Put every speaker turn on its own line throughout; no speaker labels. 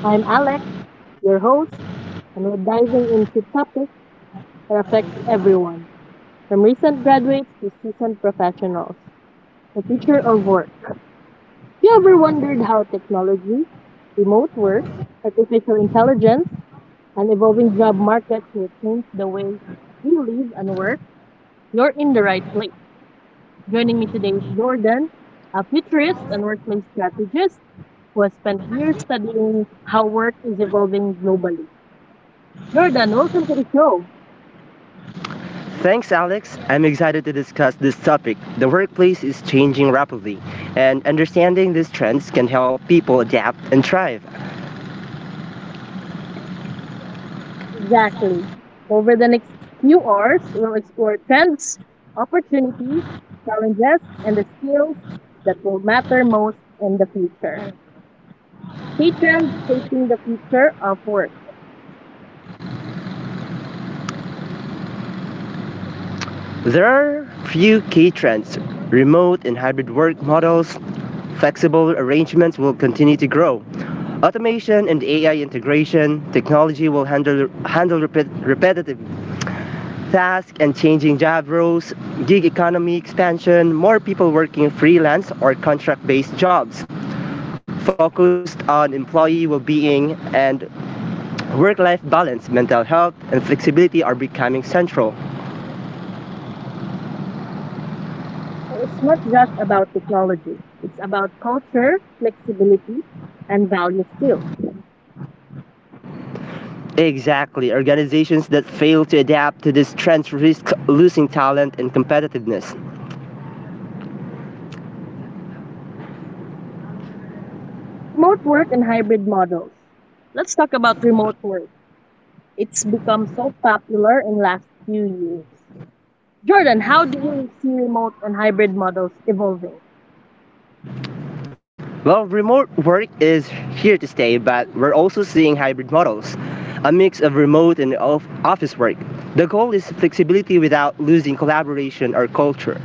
I'm Alex, your host, and we're diving into topics that affects everyone, from recent graduates to seasoned professionals. The future of work. Have you ever wondered how technology, remote work, artificial intelligence, and evolving job markets will change the way we live and work? You're in the right place. Joining me today is Jordan, a futurist and workplace strategist who has spent years studying how work is evolving globally. Jordan, welcome to the show.
Thanks, Alex. I'm excited to discuss this topic. The workplace is changing rapidly, and understanding these trends can help people adapt and thrive.
Exactly. Over the next few hours, we'll explore trends, opportunities, challenges, and the skills that will matter most in the future. Key trends shaping the future of work.
There are few key trends: remote and hybrid work models, flexible arrangements will continue to grow. Automation and AI integration, technology will handle repetitive tasks and changing job roles, gig economy expansion, more people working freelance or contract based jobs. Focused on employee well-being and work-life balance, mental health, and flexibility are becoming central.
So it's not just about technology, it's about culture, flexibility, and values too.
Exactly. Organizations that fail to adapt to these trends risk losing talent and competitiveness.
Remote work and hybrid models. Let's talk about remote work. It's become so popular in last few years. Jordan, how do you see remote and hybrid models evolving?
Well, remote work is here to stay, but we're also seeing hybrid models, a mix of remote and of office work. The goal is flexibility without losing collaboration or culture.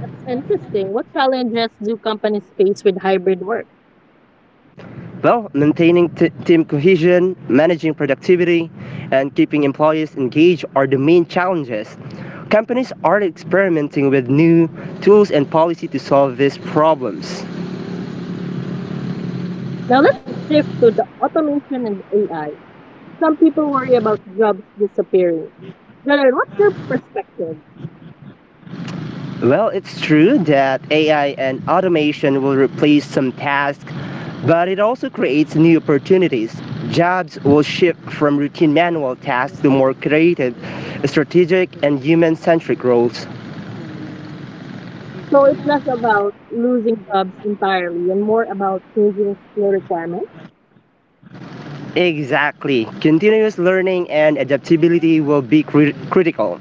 That's interesting. What challenges do companies face with hybrid work?
Well, maintaining team cohesion, managing productivity, and keeping employees engaged are the main challenges. Companies are experimenting with new tools and policy to solve these problems.
Now let's shift to the automation and AI. Some people worry about jobs disappearing. Jordan, what's your perspective?
Well, it's true that AI and automation will replace some tasks, but it also creates new opportunities. Jobs will shift from routine manual tasks to more creative, strategic, and human centric roles.
So it's less about losing jobs entirely and more about changing skill requirements.
Exactly. Continuous learning and adaptability will be critical.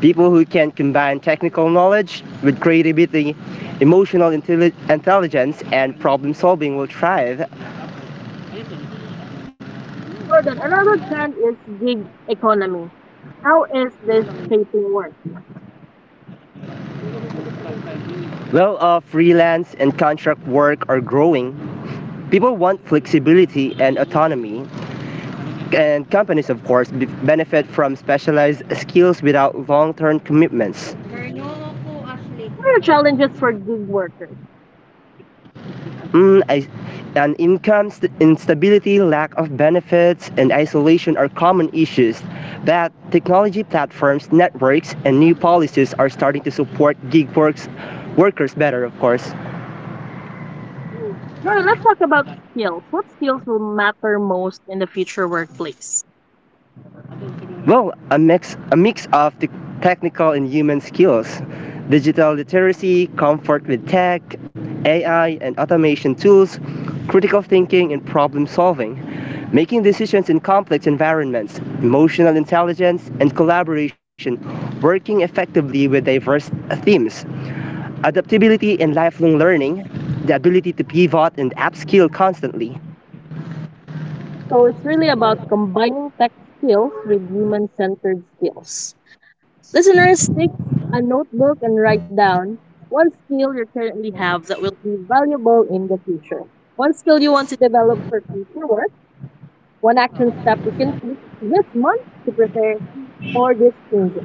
People who can combine technical knowledge with creativity, emotional intelligence, and problem solving will thrive.
Jordan, another trend is gig economy. How is this shaping work?
Well, freelance and contract work are growing. People want flexibility and autonomy, and companies, of course, benefit from specialized skills without long term commitments.
What are challenges for gig workers?
Mm, I, and income instability, lack of benefits, and isolation are common issues. But technology platforms, networks, and new policies are starting to support workers better, of course.
Hmm. Now, let's talk about skills. What skills will matter most in the future workplace?
Well, a mix of the technical and human skills, digital literacy, comfort with tech, AI and automation tools, critical thinking and problem solving, making decisions in complex environments, emotional intelligence and collaboration, working effectively with diverse themes, adaptability and lifelong learning, the ability to pivot and upskill constantly.
So, it's really about combining tech skills with human centered skills. Listeners, take a notebook and write down one skill you currently have that will be valuable in the future. One skill you want to develop for future work, one action step you can take this month to prepare for these changes.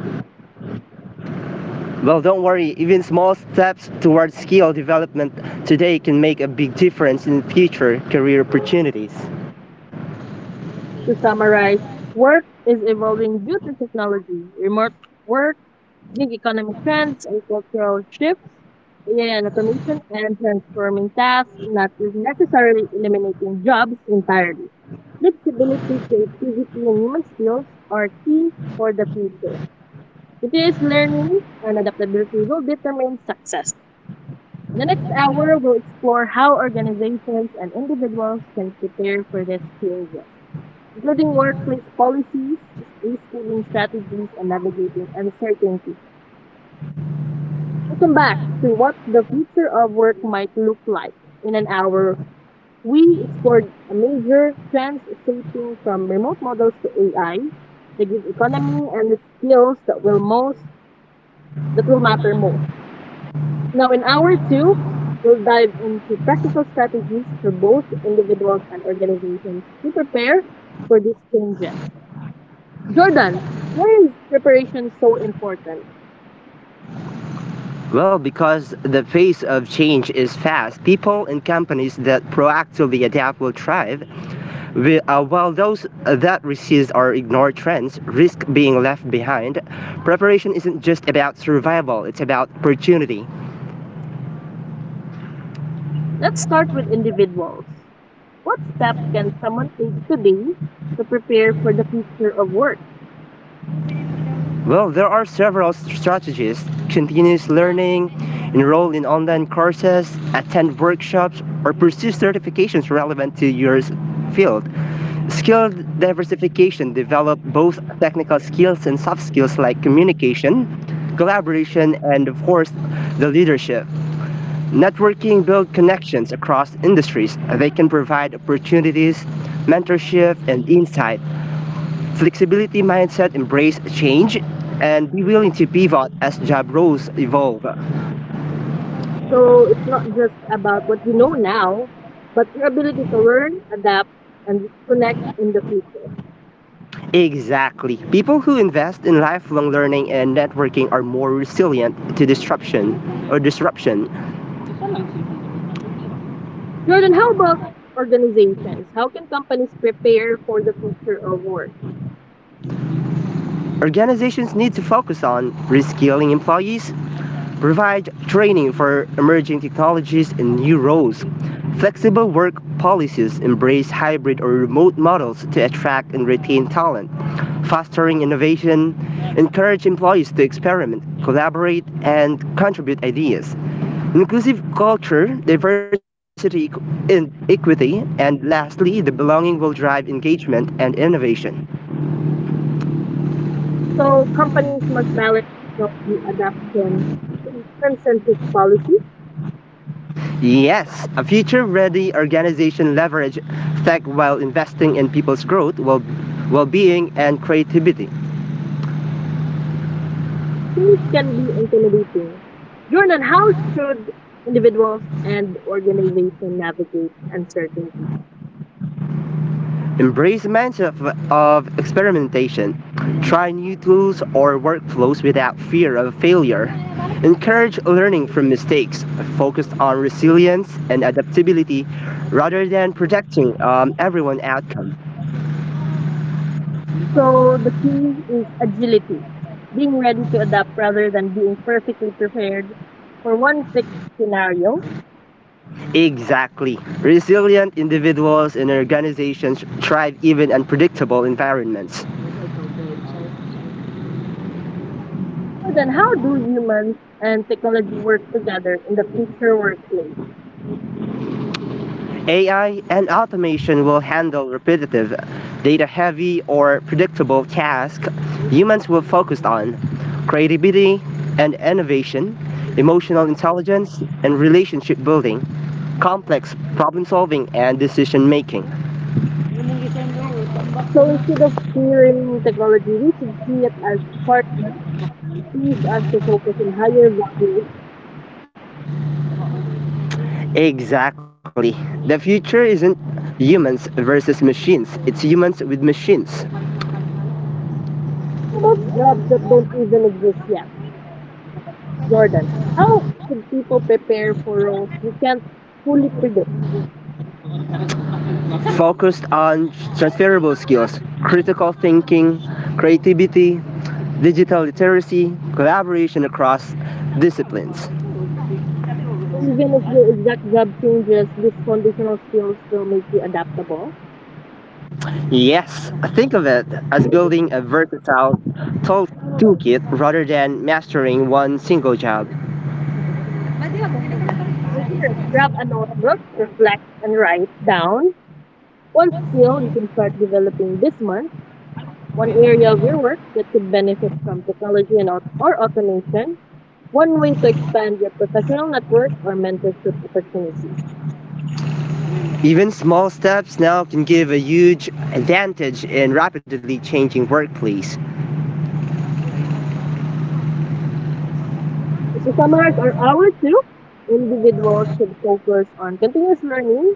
Well, don't worry, even small steps towards skill development today can make a big difference in future career opportunities.
To summarize, work is evolving due to technology, remote work, gig economy trends, and cultural shifts, AI and automation, and transforming tasks, not necessarily eliminating jobs entirely. Flexibility, creativity, and human skills are key for the future. It is learning and adaptability will determine success. In the next hour, we'll explore how organizations and individuals can prepare for this change including workplace policies, reskilling strategies, and navigating uncertainty. Welcome back to what the future of work might look like. In an hour, we explored a major trends shaping from remote models to AI, the gig economy, and the skills that will most that will matter most. Now, in hour two, we'll dive into practical strategies for both individuals and organizations to prepare for these changes. Jordan, why is preparation so important?
Well, because the pace of change is fast, people and companies that proactively adapt will thrive, while those that resist or ignore trends risk being left behind. Preparation isn't just about survival, it's about opportunity.
Let's start with individuals. What step can someone take today to prepare for the future of work?
Well, there are several strategies: continuous learning, enroll in online courses, attend workshops, or pursue certifications relevant to your field. Skill diversification develop both technical skills and soft skills like communication, collaboration, and of course, the leadership. Networking build connections across industries. They can provide opportunities, mentorship, and insight. Flexibility mindset, embrace change, and be willing to pivot as job roles evolve.
So it's not just about what you know now, but your ability to learn, adapt, and connect in the future.
Exactly. People who invest in lifelong learning and networking are more resilient to disruption or disruption.
Jordan, how about organizations? How can companies prepare for the future of work?
Organizations need to focus on reskilling employees, provide training for emerging technologies and new roles. Flexible work policies embrace hybrid or remote models to attract and retain talent, fostering innovation, encourage employees to experiment, collaborate, and contribute ideas. Inclusive culture, diversity, and equity, and lastly, the belonging will drive engagement and innovation.
So companies must balance technology adaptation with human-centric policies
Yes, a future ready organization leverage tech while investing in people's growth, well being, and creativity.
change can be intimidating. Jordan, how should individuals and organization navigate uncertainty?
Embrace mindset of experimentation. Try new tools or workflows without fear of failure. Encourage learning from mistakes, focus on resilience and adaptability rather than protecting everyone outcome.
So the key is agility, being ready to adapt rather than being perfectly prepared for one fixed scenario.
Exactly. Resilient individuals and organizations thrive even in unpredictable environments.
So then, how do humans and technology work together in the future workplace?
AI and automation will handle repetitive, data heavy, or predictable tasks humans will focus on creativity and innovation, emotional intelligence and relationship building, complex problem solving, and decision making.
So instead of fearing technology, we should see it as partner, please us to focus on higher value.
Exactly. The future isn't humans versus machines, it's humans with machines.
How about jobs that don't even exist yet? Jordan, how should people prepare for roles we can't fully predict?
Focused on transferable skills, critical thinking, creativity, digital literacy, collaboration across disciplines.
Even if your exact job changes, these conditional skills will make you adaptable.
Yes, think of it as building a versatile tool- toolkit rather than mastering one single job.
Listeners, grab a notebook, reflect, and write down one skill you can start developing this month, one area of your work that could benefit from technology and or automation, one way to expand your professional network or mentorship opportunities.
Even small steps now can give a huge advantage in rapidly changing workplace.
To summarize our hour two, individuals should focus on continuous learning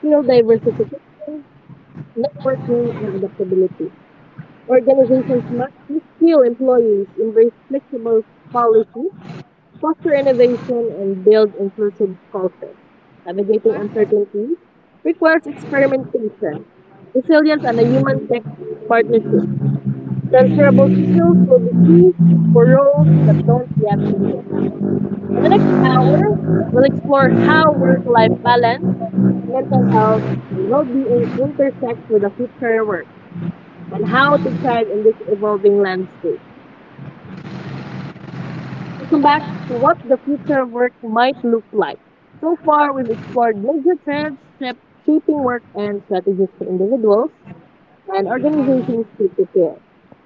skill diversification, networking, and adaptability. Organizations must reskill employees, embrace flexible policy, foster innovation, and build inclusive cultures. Navigating uncertainty requires experimentation, resilience, and a human tech partnership. Transferable skills will be key for roles that don't yet exist. In the next hour, we'll explore how work life balance, mental health, and well being intersect with the future of work and how to thrive in this evolving landscape. We'll come back to what the future of work might look like. So far, we've explored major trends shaping work and strategies for individuals and organizations to prepare.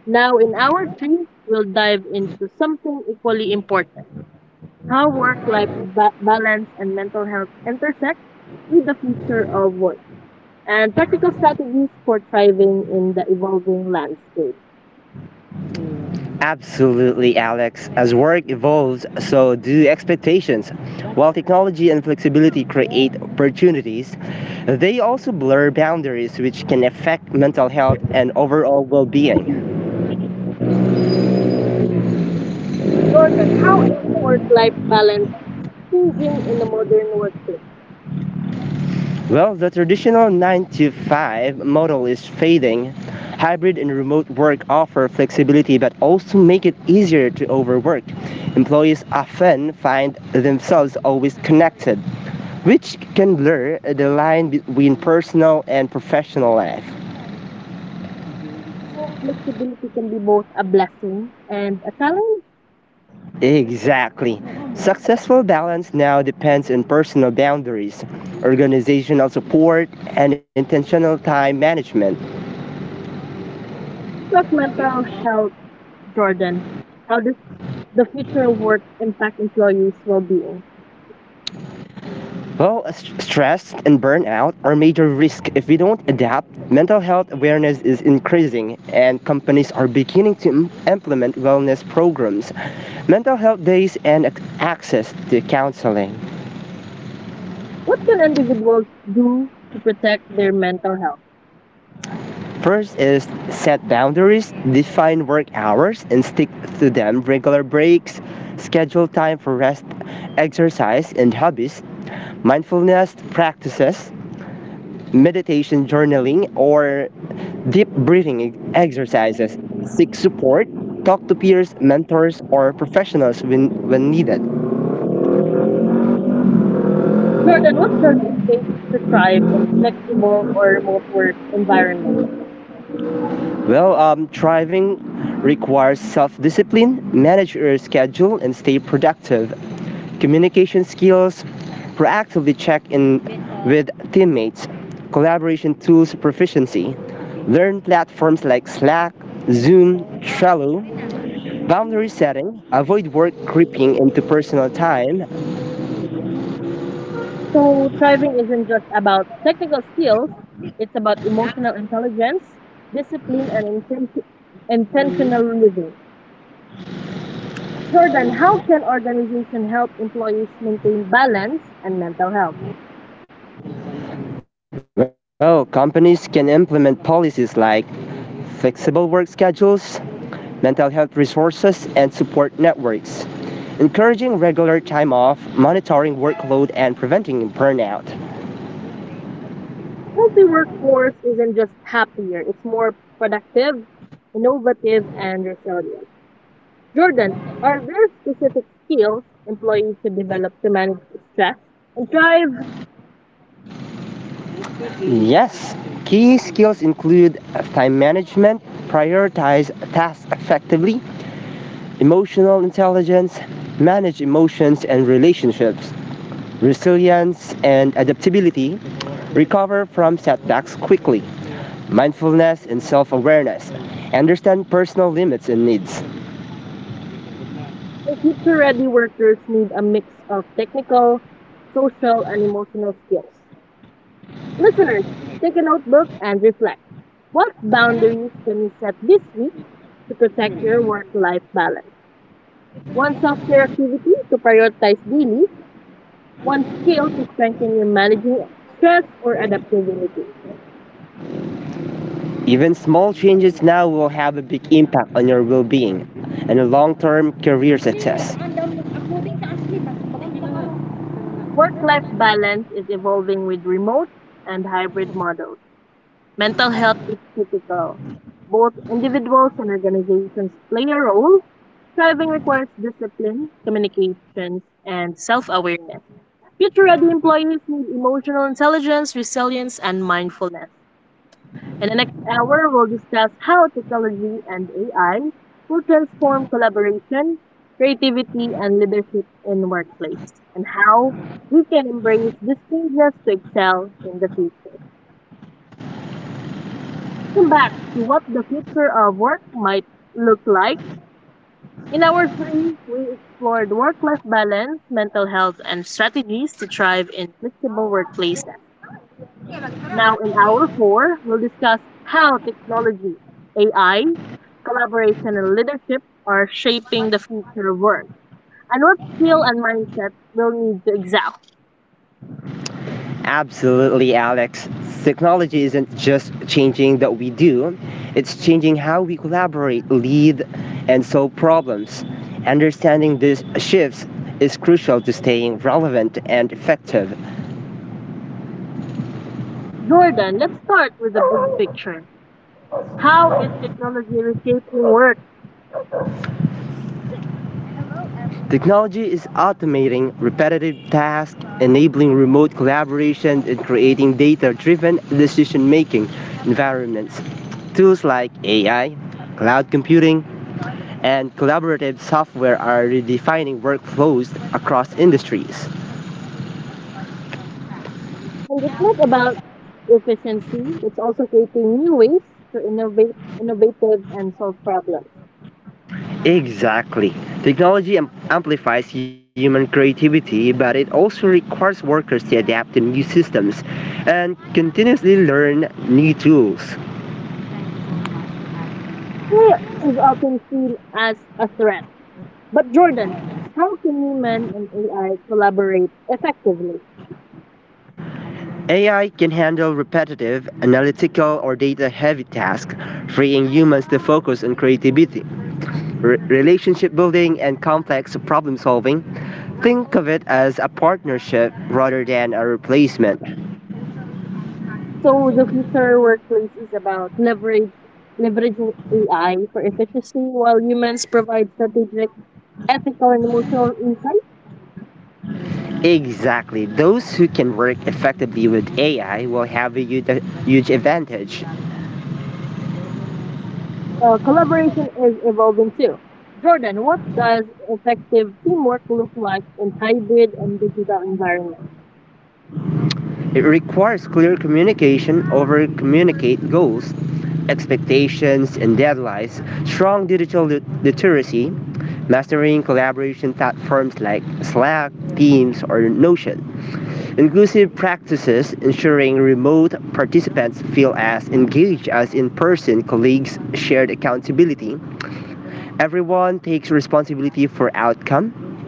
Now, in hour three, we'll dive into something equally important how work-life balance and mental health intersect with the future of work, and practical strategies for thriving in the evolving landscape.
Absolutely, Alex. As work evolves, so do expectations. While technology and flexibility create opportunities, they also blur boundaries which can affect mental health and overall well being.
Jordan, how is work-life balance changing in the modern workplace?
Well, the traditional 9 to 5 model is fading. Hybrid and remote work offer flexibility but also make it easier to overwork. Employees often find themselves always connected, which can blur the line between personal and professional life.
How flexibility can be both a blessing and a challenge
Exactly. Successful balance now depends on personal boundaries, organizational support, and intentional time management.
to mental health, Jordan. How does the future of work impact employees' well-being?
Well, stress and burnout are major risks if we don't adapt. Mental health awareness is increasing, and companies are beginning to implement wellness programs, mental health days, and access to counseling.
What can individuals do to protect their mental health?
First is set boundaries, define work hours and stick to them, regular breaks, schedule time for rest, exercise, and hobbies, mindfulness practices, meditation, journaling, or deep breathing exercises. Seek support, talk to peers, mentors, or professionals when needed.
Jordan, what does it take to thrive in flexible or remote work environments?
Well, thriving requires self discipline, manage your schedule, and stay productive. Communication skills, proactively check in with teammates, collaboration tools proficiency. Learn platforms like Slack, Zoom, Trello. Boundary setting, avoid work creeping into personal time.
So thriving isn't just about technical skills, it's about emotional intelligence, discipline, and intentional living. Jordan, how can organization help employees maintain balance and mental health?
Well, companies can implement policies like flexible work schedules, mental health resources, and support networks, encouraging regular time off, monitoring workload, and preventing burnout.
Healthy workforce isn't just happier, it's more productive, innovative, and resilient. Jordan, are there specific skills employees should develop to manage stress and thrive?
Yes, key skills include time management, prioritize tasks effectively, emotional intelligence, manage emotions and relationships, resilience and adaptability, recover from setbacks quickly. Mindfulness, and self awareness. Understand personal limits and needs.
Future ready workers need a mix of technical, social, and emotional skills. Listeners, take a notebook and reflect. What boundaries can you set this week to protect your work life balance? One self care activity to prioritize daily, one skill to strengthen your managing stress or adaptability.
Even small changes now will have a big impact on your well being and long term career success.
Work life balance is evolving with remote and hybrid models. Mental health is critical. Both individuals and organizations play a role. Thriving requires discipline, communications, and self awareness. Future ready employees need emotional intelligence, resilience, and mindfulness. In the next hour, we'll discuss how technology and AI will transform collaboration, creativity, and leadership in workplace, and how we can embrace these changes to excel in the future. Welcome back to what the future of work might look like. In our three, we explored work-life balance, mental health, and strategies to thrive in flexible workplaces. Now, in hour four, we'll discuss how technology, AI, collaboration, and leadership are shaping the future of work and what skill and mindset we'll need to excel.
Absolutely, Alex. Technology isn't just changing that we do, it's changing how we collaborate, lead, and solve problems. Understanding these shifts is crucial to staying relevant and effective.
Jordan, let's start with the big picture. How is technology reshaping work?
Technology is automating repetitive tasks, enabling remote collaboration, and creating data driven decision making environments. Tools like AI, cloud computing, and collaborative software are redefining workflows across industries.
And it's not about efficiency, it's also creating new ways to innovative and solve problems.
Exactly. Technology amplifies human creativity, but it also requires workers to adapt to new systems and continuously learn new tools.
AI is often seen as a threat. But Jordan, how can human and AI collaborate effectively?
AI can handle repetitive, analytical, or data heavy tasks, freeing humans to focus on creativity, relationship building, and complex problem solving. Think of it as a partnership rather than a replacement.
So the future workplace is about leverage leveraging AI for efficiency while humans provide strategic, ethical, and emotional insight.
Exactly. Those who can work effectively with AI will have a huge advantage.
Collaboration is evolving too. Jordan, what does effective teamwork look like in hybrid and digital environments?
It requires clear communication over communicate goals expectations and deadlines, strong digital literacy, mastering collaboration platforms like Slack, Teams, or Notion. Inclusive practices ensuring remote participants feel as engaged as in person colleagues, shared accountability. Everyone takes responsibility for outcome.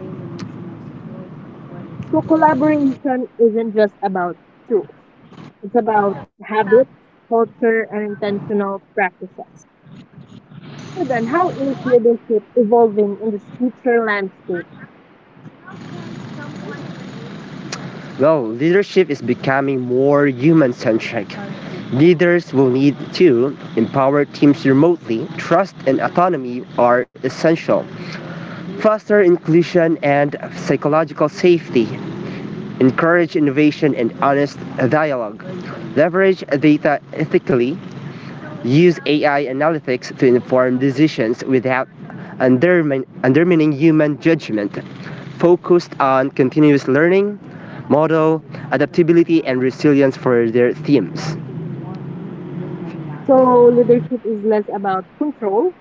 So collaboration isn't just about tools. It's about habits, culture, and intentional practices. So then, how is leadership evolving in this future landscape?
Well, leadership is becoming more human centric. Leaders will need to empower teams remotely. Trust and autonomy are essential. Foster inclusion and psychological safety encourage innovation and honest dialogue, leverage data ethically, use AI analytics to inform decisions without undermining human judgment, focused on continuous learning, model, adaptability, and resilience for their themes.
So leadership is less about control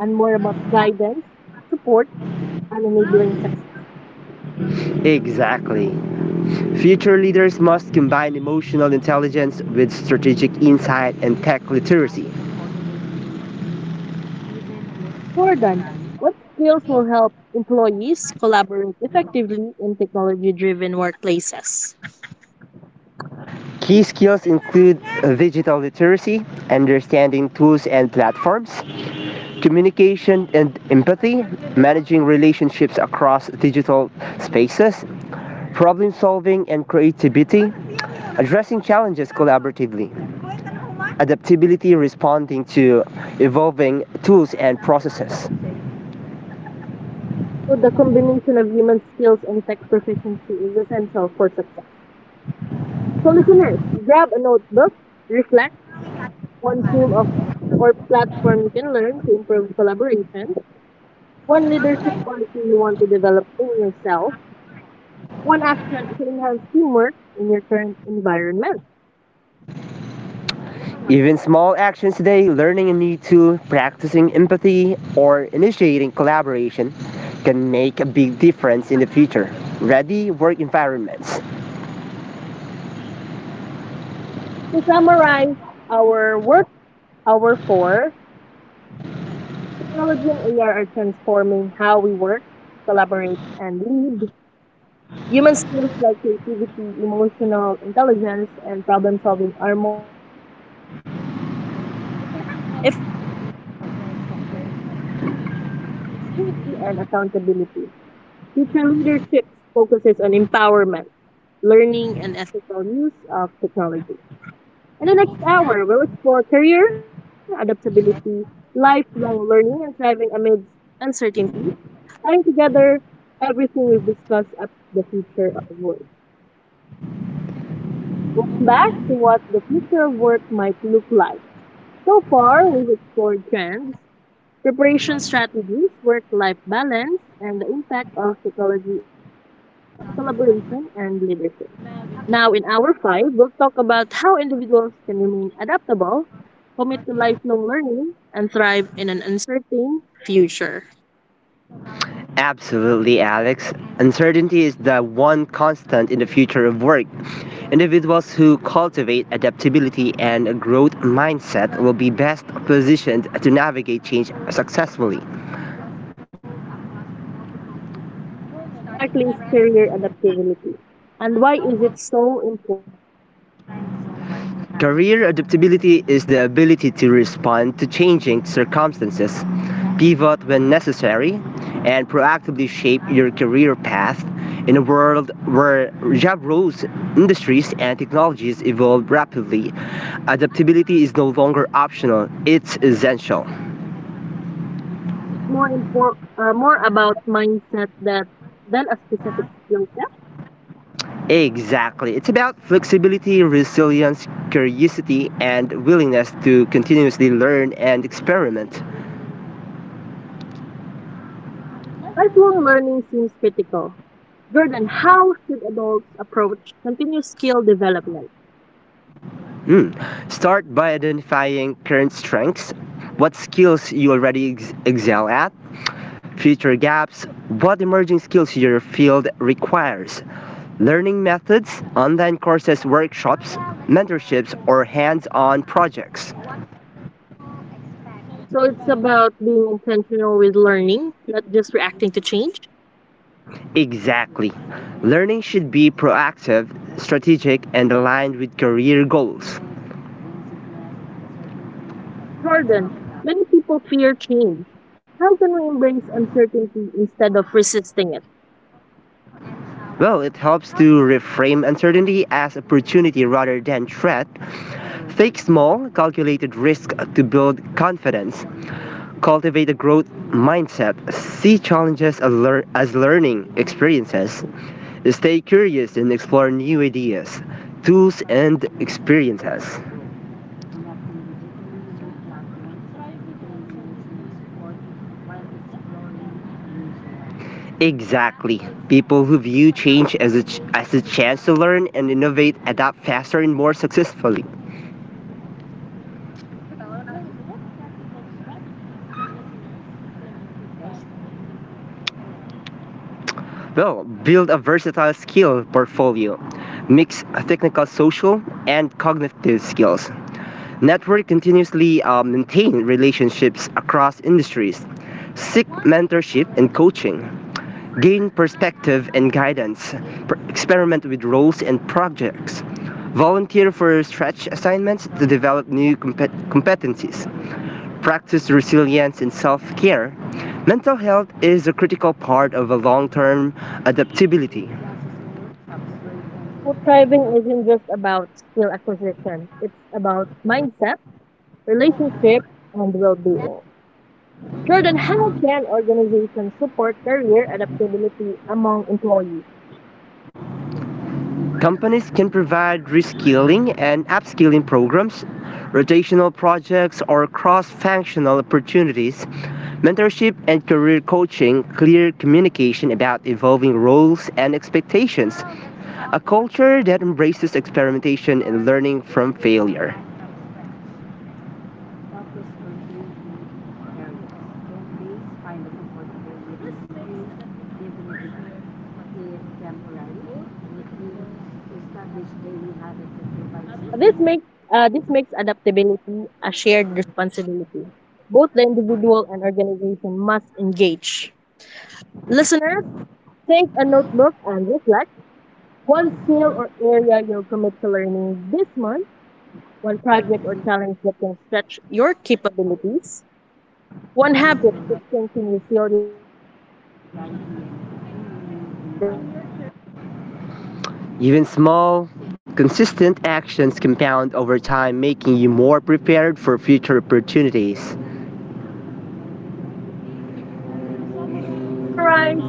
and more about guidance, support, and enabling success.
Exactly. Future leaders must combine emotional intelligence with strategic insight and tech literacy.
Jordan, what skills will help employees collaborate effectively in technology-driven workplaces?
Key skills include digital literacy, understanding tools and platforms, communication and empathy, managing relationships across digital spaces, problem solving and creativity, addressing challenges collaboratively, adaptability responding to evolving tools and processes.
So the combination of human skills and tech proficiency is essential for success. So listeners, grab a notebook, reflect on tool of or platform you can learn to improve collaboration. One leadership quality you want to develop in yourself. One action to enhance teamwork in your current environment.
Even small actions today, learning a new tool, practicing empathy, or initiating collaboration, can make a big difference in the future. Ready work environments.
To summarize our work, our four, technology and AR are transforming how we work, collaborate, and lead. Human skills like creativity, emotional intelligence, and problem solving are more critical than ever. Effective hybrid collaboration requires clear communication, inclusivity, and accountability. Future leadership focuses on empowerment, learning, and ethical use of technology. In the next hour, we'll explore career, adaptability, lifelong learning, and thriving amidst uncertainty, tying together everything we've discussed about the future of work. Welcome back to what the future of work might look like. So far, we've explored trends, preparation strategies, work life balance, and the impact of technology on collaboration and leadership. Now, in hour five, we'll talk about how individuals can remain adaptable, commit to lifelong learning, and thrive in an uncertain future.
Absolutely, Alex. Uncertainty is the one constant in the future of work. Individuals who cultivate adaptability and a growth mindset will be best positioned to navigate change successfully.
Morgan, what exactly is career adaptability, and why is it so important?
Career adaptability is the ability to respond to changing circumstances, pivot when necessary, and proactively shape your career path in a world where job roles, industries, and technologies evolve rapidly. Adaptability is no longer optional, it's essential.
It's more more about mindset that than a specific skill set.
Exactly. It's about flexibility, resilience, curiosity, and willingness to continuously learn and experiment.
Lifelong learning seems critical. Jordan, how should adults approach continuous skill development?
Mm. Start by identifying current strengths, what skills you already excel at, future gaps, what emerging skills your field requires, learning methods, online courses, workshops, mentorships, or hands on projects.
So it's about being intentional with learning, not just reacting to change.
Exactly. Learning should be proactive, strategic, and aligned with career goals.
Jordan, many people fear change. How can we embrace uncertainty instead of resisting it?
Well, it helps to reframe uncertainty as opportunity rather than threat. Take small, calculated risks to build confidence. Cultivate a growth mindset. See challenges as learning experiences. Stay curious and explore new ideas, tools, and experiences.
So thriving in uncertainty is a combination of mindset and action.
Exactly. People who view change as as a chance to learn and innovate adapt faster and more successfully.
Jordan, what practical strategies can listeners implement to thrive in the future of work?
Well, build a versatile skill portfolio. Mix technical, social, and cognitive skills. Network continuously maintain relationships across industries. Seek mentorship and coaching. Gain perspective and guidance. Experiment with roles and projects. Volunteer for stretch assignments to develop new competencies. Practice resilience and self care. Mental health is a critical part of a long term adaptability.
Well, thriving isn't just about skill acquisition. It's about mindset, relationship, and well-being. Jordan, how can organizations support career adaptability among employees?
Companies can provide reskilling and upskilling programs, rotational projects, or cross functional opportunities, mentorship and career coaching, clear communication about evolving roles and expectations, a culture that embraces experimentation and learning from failure.
This makes this makes adaptability a shared responsibility. Both the individual and organization must engage. Listeners, take a notebook and reflect one skill or area you'll commit to learning this month, one project or challenge that can stretch your capabilities, one habit to strengthen resilience and adaptability in your career.
Even small, consistent actions compound over time, making you more prepared for future opportunities.
Summarize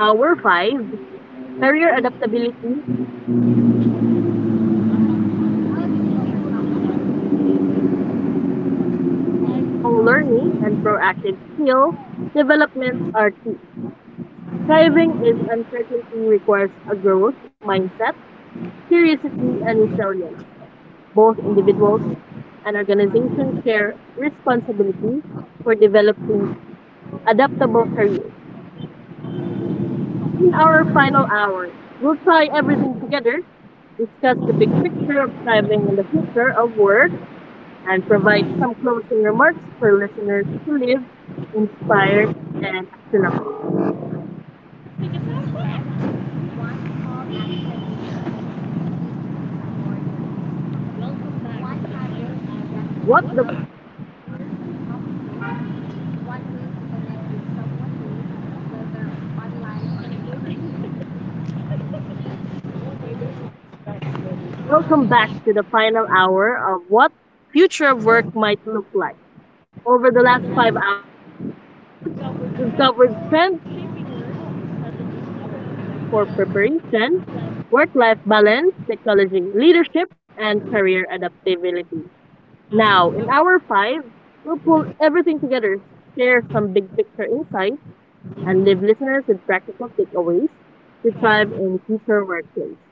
our five, career adaptability is essential in a rapidly changing world. Lifelong learning and proactive skill development are key. Thriving is uncertainty requires a growth mindset, curiosity, and resilience. Both individuals and organizations share responsibility for developing adaptable careers. In our final hour, we'll tie everything together, discuss the big picture of thriving in the future of work, and provide some closing remarks for listeners to live inspired and actionable. Welcome back to the final hour of What the Future of Work. Wala ka nag-loading. Welcome back to the final hour of What Future of Work might look like. Over the last 5 hours, we've covered trends, shaping work, strategies for preparation, work life balance, technology, leadership, and career adaptability. Now, in hour five, we'll pull everything together, share some big picture insights, and leave listeners with practical takeaways to thrive in future workplace.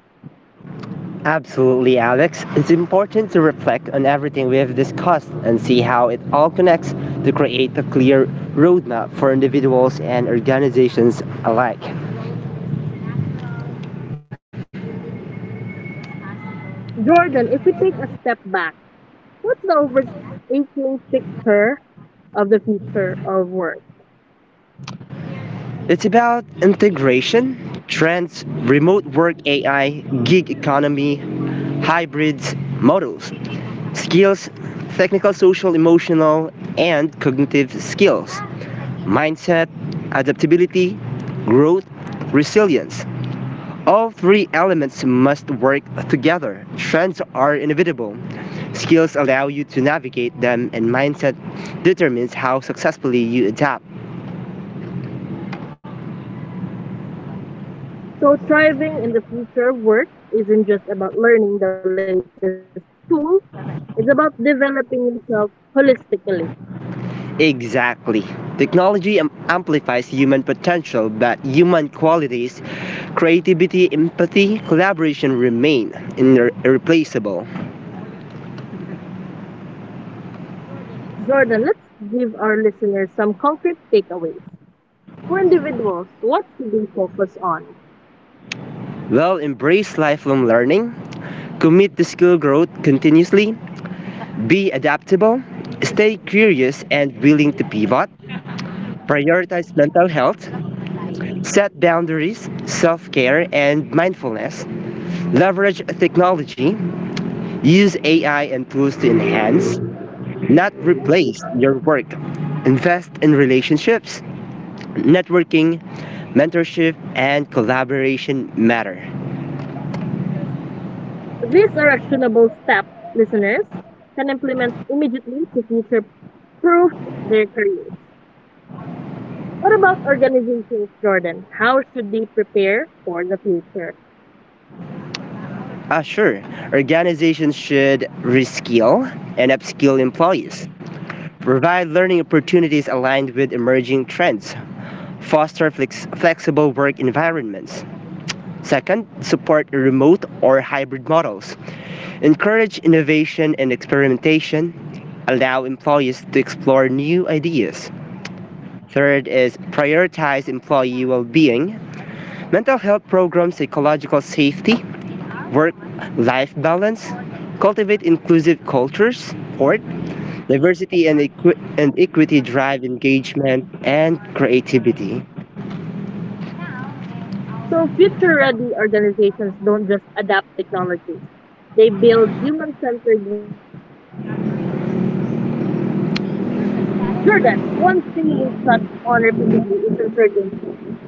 Absolutely, Alex. It's important to reflect on everything we have discussed and see how it all connects to create a clear roadmap for individuals and organizations alike.
Jordan, if we take a step back, what's the overarching picture of the future of work?
It's about integration, trends, remote work AI, gig economy, hybrids, models, skills, technical, social, emotional, and cognitive skills, mindset, adaptability, growth, resilience. All three elements must work together. Trends are inevitable. Skills allow you to navigate them, and mindset determines how successfully you adapt.
So, thriving in the future of work isn't just about learning the latest tools. It's about developing yourself holistically.
Exactly. Technology amplifies human potential, but human qualities, creativity, empathy, collaboration remain irreplaceable.
Jordan, let's give our listeners some concrete takeaways. For individuals, what should they focus on?
Well, embrace lifelong learning, commit to skill growth continuously, be adaptable, stay curious and willing to pivot, prioritize mental health, set boundaries, self care, and mindfulness, leverage technology use AI and tools to enhance, not replace, your work. Invest in relationships, networking, mentorship, and collaboration matter.
These are actionable steps listeners can implement immediately to future proof their careers. What about organizations, Jordan? How should they prepare for the future?
Sure, organizations should reskill and upskill employees, provide learning opportunities aligned with emerging trends, foster flexible work environments. Second, support remote or hybrid models. Encourage innovation and experimentation. Allow employees to explore new ideas. Third is prioritize employee well being, mental health programs, psychological safety, work life balance, cultivate inclusive cultures. Fourth, diversity and equity drive engagement and creativity.
So, future ready organizations don't just adapt technology, they build human centered workplaces. Jordan, one theme we've touched on repeatedly is uncertainty.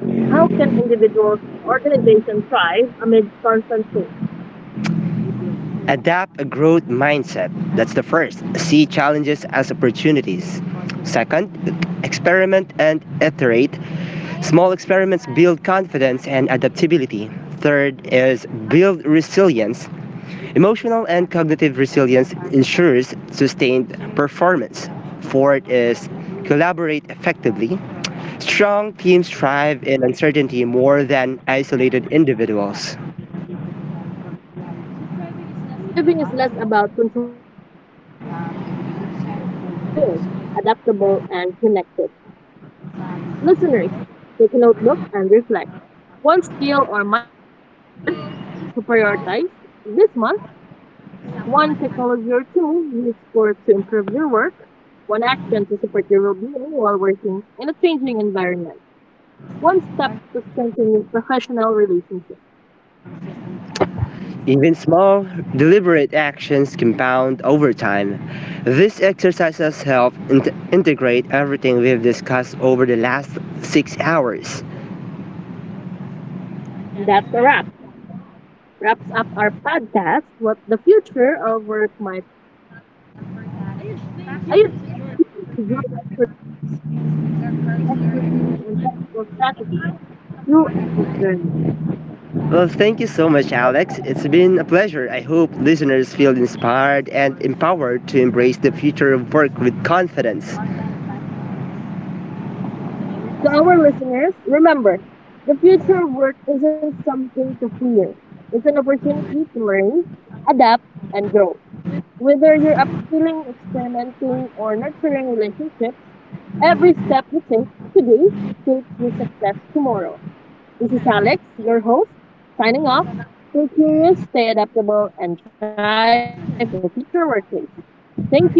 How can individuals and organizations thrive amid constant change?
Adapt a growth mindset. That's the first. See challenges as opportunities. Second, experiment and iterate. Small experiments build confidence and adaptability. Third is build resilience. Emotional and cognitive resilience ensures sustained performance. Fourth is collaborate effectively. Strong teams thrive in uncertainty more than isolated individuals.
So, thriving is less about controlling every outcome and more about being prepared, adaptable, and connected. Listeners, take a notebook and reflect. One skill or mindset shift to prioritize this month, one technology or tool you explore to improve your work, one action to support your well being while working in a changing environment. One step to strengthen your professional relationship.
Even small, deliberate actions compound over time. These exercises help integrate everything we've discussed over the last 6 hours.
And that's a wrap. Wraps up our podcast, What the Future of Work Might Look Like. I urge you to join us for incredible insights, expertise, and practical strategies throughout this journey.
Well, thank you so much, Alex. It's been a pleasure. I hope listeners feel inspired and empowered to embrace the future of work with confidence.
To our listeners, remember, the future of work isn't something to fear. It's an opportunity to learn, adapt, and grow. Whether you're upskilling, experimenting, or nurturing relationships, every step you take today shapes your success tomorrow. This is Alex, your host, signing off. Stay curious, stay adaptable, and thrive in the future workplace. Thank you for joining us.